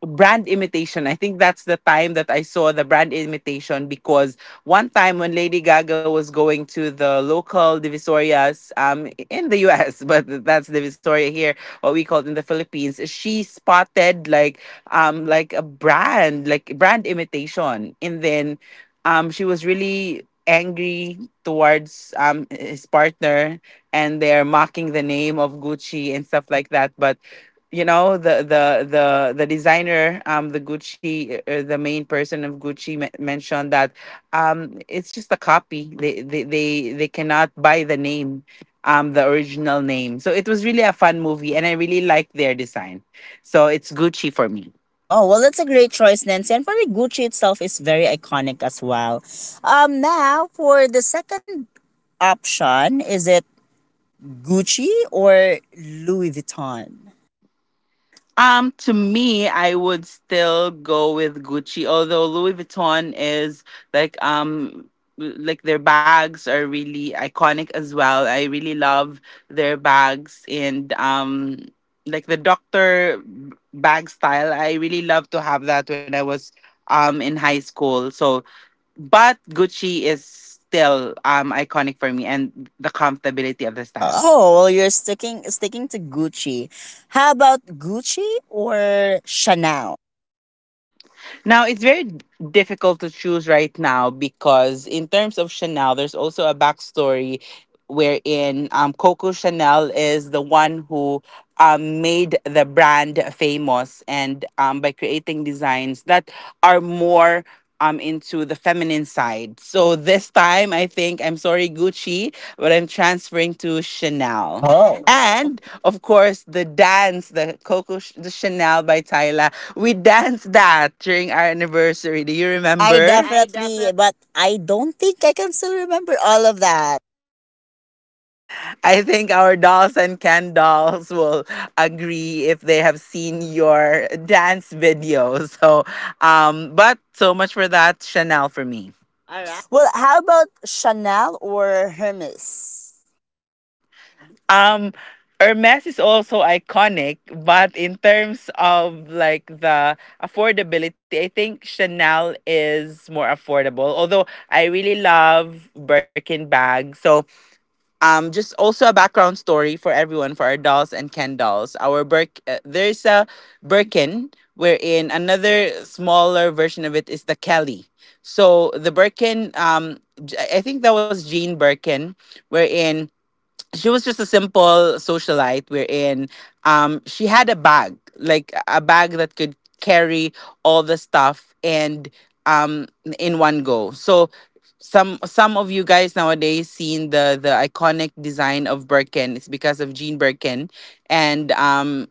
A: brand imitation. I think that's the time that I saw the brand imitation because one time when Lady Gaga was going to the local divisorias in the US, but that's divisoria here, what we call it in the Philippines. She spotted like a brand, like brand imitation. And then she was really angry towards his partner, and they're mocking the name of Gucci and stuff like that. But the designer, the Gucci, the main person of Gucci mentioned that it's just a copy. They cannot buy the name, the original name. So it was really a fun movie and I really like their design, so it's Gucci for me.
B: Oh, well, that's a great choice, Nancy. And probably Gucci itself is very iconic as well. Now, for the second option, is it Gucci or Louis Vuitton?
A: To me, I would still go with Gucci, although Louis Vuitton is like, like their bags are really iconic as well. I really love their bags, and like the bag style. I really love to have that when I was in high school. So, but Gucci is still iconic for me, and the comfortability of the style.
B: Oh, well, you're sticking to Gucci. How about Gucci or Chanel?
A: Now it's very difficult to choose right now because in terms of Chanel, there's also a backstory wherein Coco Chanel is the one who made the brand famous, and by creating designs that are more into the feminine side. So this time I think I'm sorry Gucci, but I'm transferring to Chanel.
B: Oh.
A: And of course, the dance, the Coco, the Chanel by Tyla, we danced that during our anniversary. Do you
B: I
A: remember? I
B: definitely,
A: definitely.
B: but I don't think I can still remember all of that.
A: I think our dolls and Ken dolls will agree if they have seen your dance video. So, but so much for that, Chanel, for me.
B: Right.
A: All right.
B: Well, how about Chanel or Hermes?
A: Um, Hermes is also iconic, but in terms of like the affordability, I think Chanel is more affordable. Although I really love Birkin bags, so just also a background story for everyone, for our dolls and Ken dolls. Our there's a Birkin, wherein another smaller version of it is the Kelly. So the Birkin, I think that was Jean Birkin, wherein she was just a simple socialite, wherein she had a bag, like a bag that could carry all the stuff, and um in one go. So some of you guys nowadays seen the iconic design of Birkin, it's because of Jean Birkin. And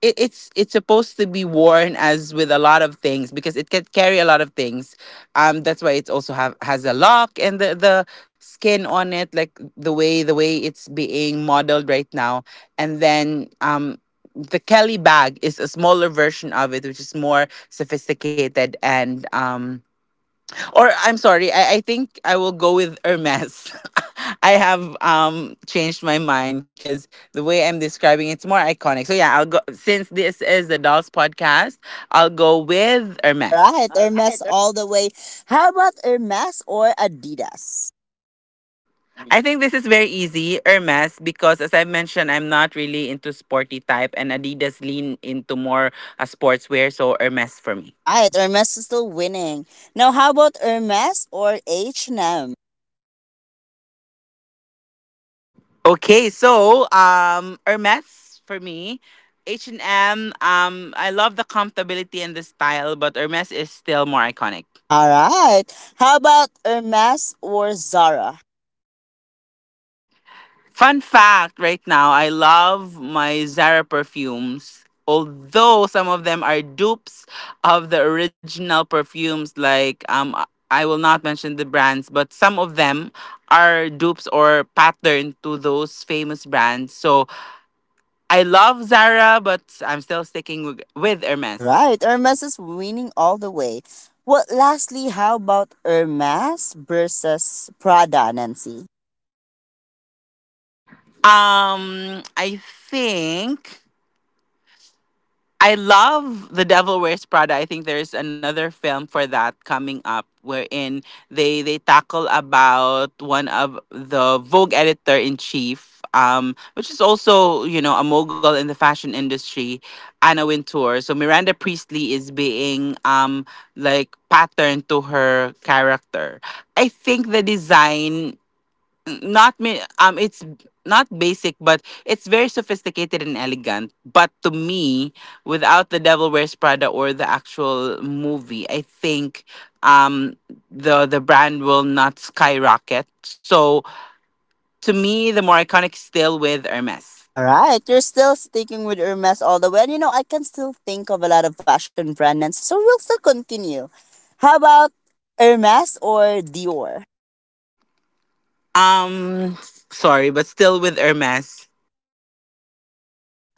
A: it's supposed to be worn as with a lot of things because it can carry a lot of things. That's why it also have has a lock and the skin on it, like the way it's being modeled right now. And then, the Kelly bag is a smaller version of it, which is more sophisticated. And or I'm sorry, I think I will go with Hermes. I have changed my mind because the way I'm describing, it's more iconic. So yeah, I'll go, since this is the Dolls podcast, I'll go with
B: All
A: Hermes.
B: right,
A: All
B: Hermes
A: right.
B: all the way. How about Hermes or Adidas?
A: I think this is very easy, Hermes, because as I mentioned, I'm not really into sporty type, and Adidas lean into more a sportswear, so Hermes for me.
B: All right, Hermes is still winning. Now, how about Hermes or H&M?
A: Okay, so Hermes for me. H&M, I love the comfortability and the style, but Hermes is still more iconic.
B: All right. How about Hermes or Zara?
A: Fun fact right now, I love my Zara perfumes. Although some of them are dupes of the original perfumes, like I will not mention the brands, but some of them are dupes or pattern to those famous brands. So I love Zara, but I'm still sticking with
B: All
A: Hermes.
B: right. Hermes is winning all the way. Well, lastly, how about Hermes versus Prada, Nancy?
A: I think I love The Devil Wears Prada. I think there's another film for that coming up, wherein they tackle about one of the Vogue editor in chief, which is also, you know, a mogul in the fashion industry, Anna Wintour. So Miranda Priestley is being like patterned to her character. I think the design, not me, it's not basic, but it's very sophisticated and elegant. But to me, without The Devil Wears Prada or the actual movie, I think um the brand will not skyrocket. So to me, the more iconic still with Hermes.
B: All right. You're still sticking with Hermes all the way. And you know, I can still think of a lot of fashion brand, Nancy. So we'll still continue. How about Hermes or Dior?
A: um sorry, but still with Hermes.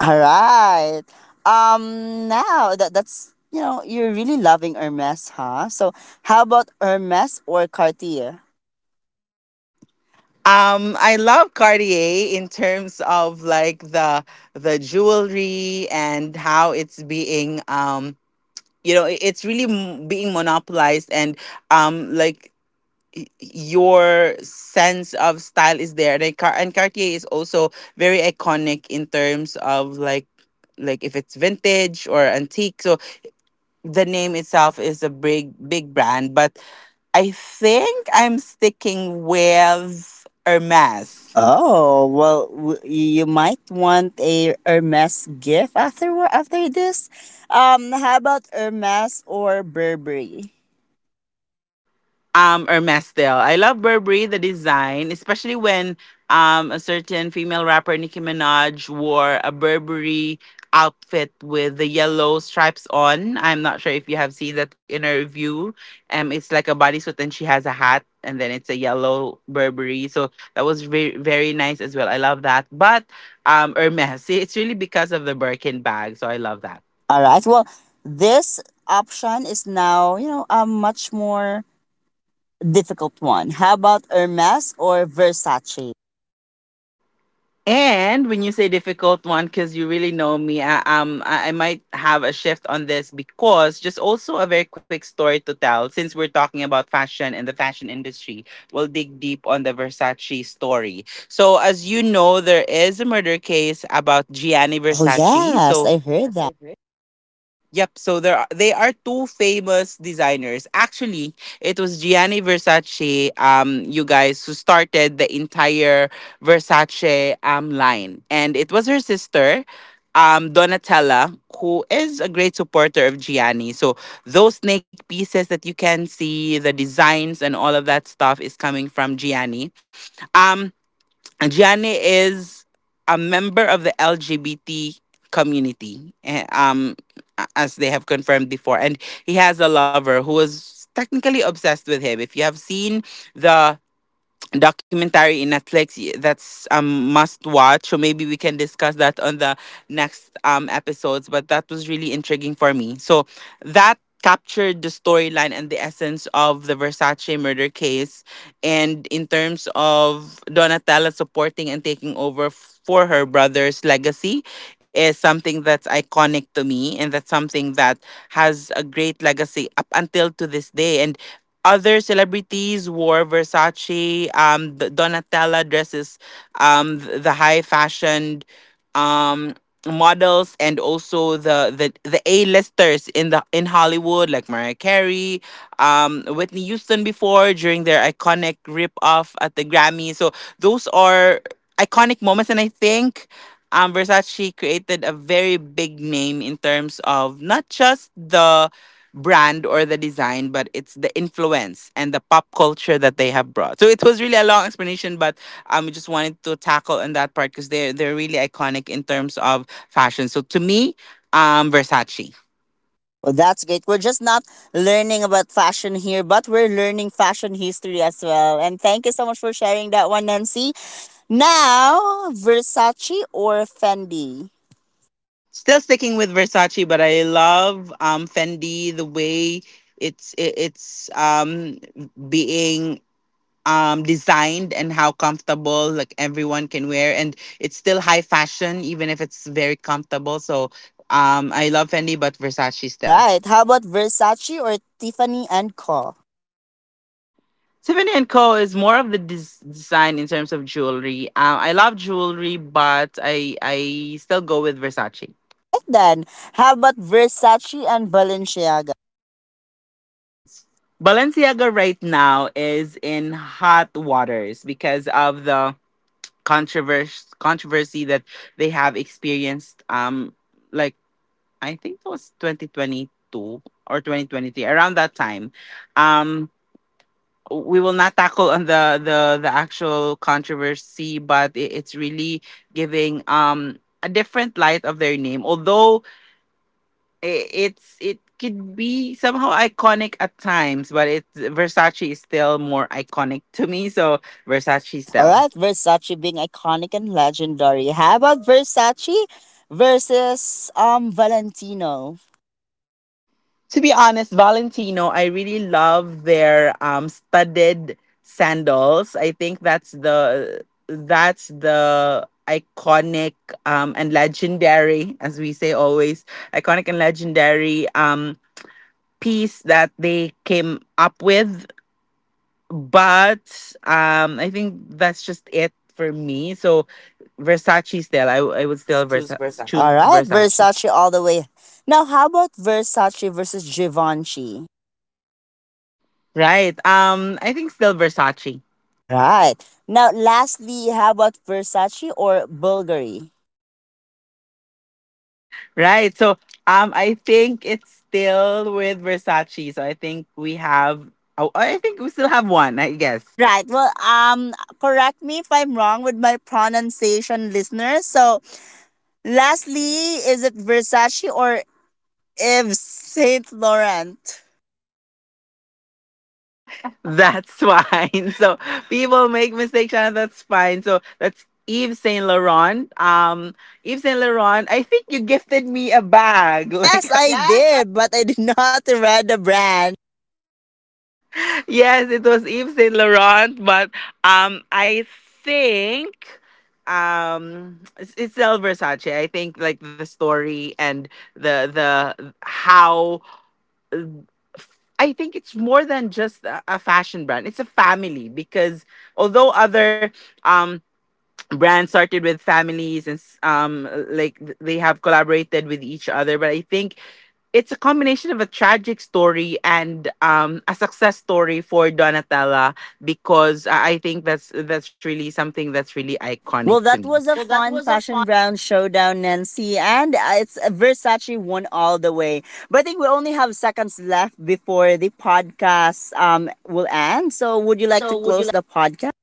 B: All right. Now that that's, you know, you're really loving Hermes, huh? So how about Hermes or Cartier?
A: I love Cartier in terms of like the jewelry, and how it's being, you know, it's really, being monopolized, and like your sense of style is there. And, it, and Cartier is also very iconic in terms of like if it's vintage or antique. So the name itself is a big, big brand, but I think I'm sticking with Hermes.
B: Oh, well, you might want a Hermes gift after this. How about Hermes or Burberry?
A: Hermesdale. I love Burberry the design, especially when a certain female rapper Nicki Minaj wore a Burberry outfit with the yellow stripes on. I'm not sure if you have seen that in her review. It's like a bodysuit and she has a hat, and then it's a yellow Burberry. So that was very, very nice as well. I love that. But Hermes, see, it's really because of the Birkin bag, so I love that.
B: All right. Well, this option is now, you know, a much more difficult one. How about Hermes or Versace?
A: And when you say difficult one, because you really know me, I might have a shift on this, because just also a very quick story to tell. Since we're talking about fashion and the fashion industry, we'll dig deep on the Versace story. So, as you know, there is a murder case about Gianni
B: Oh,
A: Versace.
B: yes,
A: So,
B: I heard that.
A: yep, so there are, they are two famous designers. Actually, it was Gianni Versace, you guys, who started the entire Versace line, and it was her sister, Donatella, who is a great supporter of Gianni. So those snake pieces that you can see, the designs and all of that stuff, is coming from Gianni. Um, Gianni is a member of the LGBT community, eh, as they have confirmed before, and he has a lover who is technically obsessed with him. If you have seen the documentary in Netflix, that's must watch. So maybe we can discuss that on the next episodes. But that was really intriguing for me. So that captured the storyline and the essence of the Versace murder case. And in terms of Donatella supporting and taking over for her brother's legacy is something that's iconic to me, and that's something that has a great legacy up until to this day. And other celebrities wore Versace. Donatella dresses the high fashioned um models, and also the A-listers in the in Hollywood, like Mariah Carey, Whitney Houston before, during their iconic rip off at the Grammy. So those are iconic moments, and I think Versace created a very big name in terms of not just the brand or the design, but it's the influence and the pop culture that they have brought. So it was really a long explanation, but we just wanted to tackle on that part because they're really iconic in terms of fashion. So to me, Versace.
B: Well, that's great. We're just not learning about fashion here, but we're learning fashion history as well. And thank you so much for sharing that one, Nancy. Now, Versace or Fendi?
A: Still sticking with Versace, but I love Fendi the way it's being designed, and how comfortable, like everyone can wear, and it's still high fashion even if it's very comfortable. So I love Fendi, but Versace
B: All
A: still.
B: right. How about Versace or Tiffany and Co?
A: Tiffany and Co. is more of the design in terms of jewelry. I love jewelry, but I still go with Versace.
B: All right then. How about Versace and Balenciaga?
A: Balenciaga right now is in hot waters because of the controversy that they have experienced, like I think it was 2022 or 2023 around that time. Um we will not tackle on the actual controversy, but it's really giving a different light of their name. Although I it's, it could be somehow iconic at times, but it's Versace is still more iconic to me, so Versace
B: All
A: still.
B: right. Versace being iconic and legendary. How about Versace versus Valentino?
A: To be honest, Valentino, I really love their studded sandals. I think that's the iconic and legendary, as we say always, iconic and legendary piece that they came up with. But I think that's just it for me. So Versace still. I would still choose
B: All right,
A: Versace.
B: Versace all the way. Now, how about Versace versus Givenchy?
A: Right. I think still Versace.
B: All right. Now, lastly, how about Versace or Bulgari?
A: Right. So I think it's still with Versace. So I think we have, oh, I think we still have one, I guess.
B: Right. Well, correct me if I'm wrong with my pronunciation, listeners. So, lastly, is it Versace or Yves Saint Laurent?
A: That's fine. So people make mistakes and that's fine. So that's Yves Saint Laurent. Yves Saint Laurent, I think you gifted me a bag. Like
B: Yes, I
A: yes,
B: did, but I did not read the brand.
A: yes, it was Yves Saint Laurent, but I think it's still Versace. I think like the story and the how, I think it's more than just a fashion brand. It's a family, because although other um brands started with families, and like they have collaborated with each other, but I think it's a combination of a tragic story and, a success story for Donatella, because I think that's really something that's really iconic
B: Well,
A: to
B: that
A: me.
B: was a
A: Well, that
B: fun
A: was a fun.
B: fashion brand showdown, Nancy, and it's a Versace won all the way. But I think we only have seconds left before the podcast will end. So, would you like to
A: So, would you?
B: close the podcast?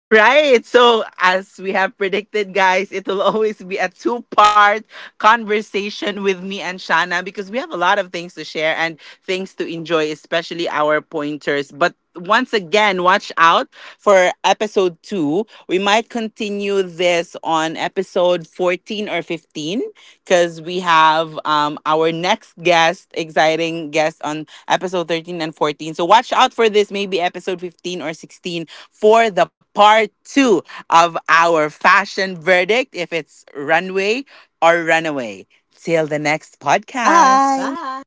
A: Right. So, as we have predicted, guys, it will always be a two-part conversation with me and Shana, because we have a lot of things to share and things to enjoy, especially our pointers. But once again, watch out for episode two. We might continue this on episode 14 or 15, because we have, our next guest, exciting guest on episode 13 and 14. So watch out for this, maybe episode 15 or 16 for the part two of our fashion verdict, if it's runway or runaway. Till the next podcast.
B: Bye.
A: Bye.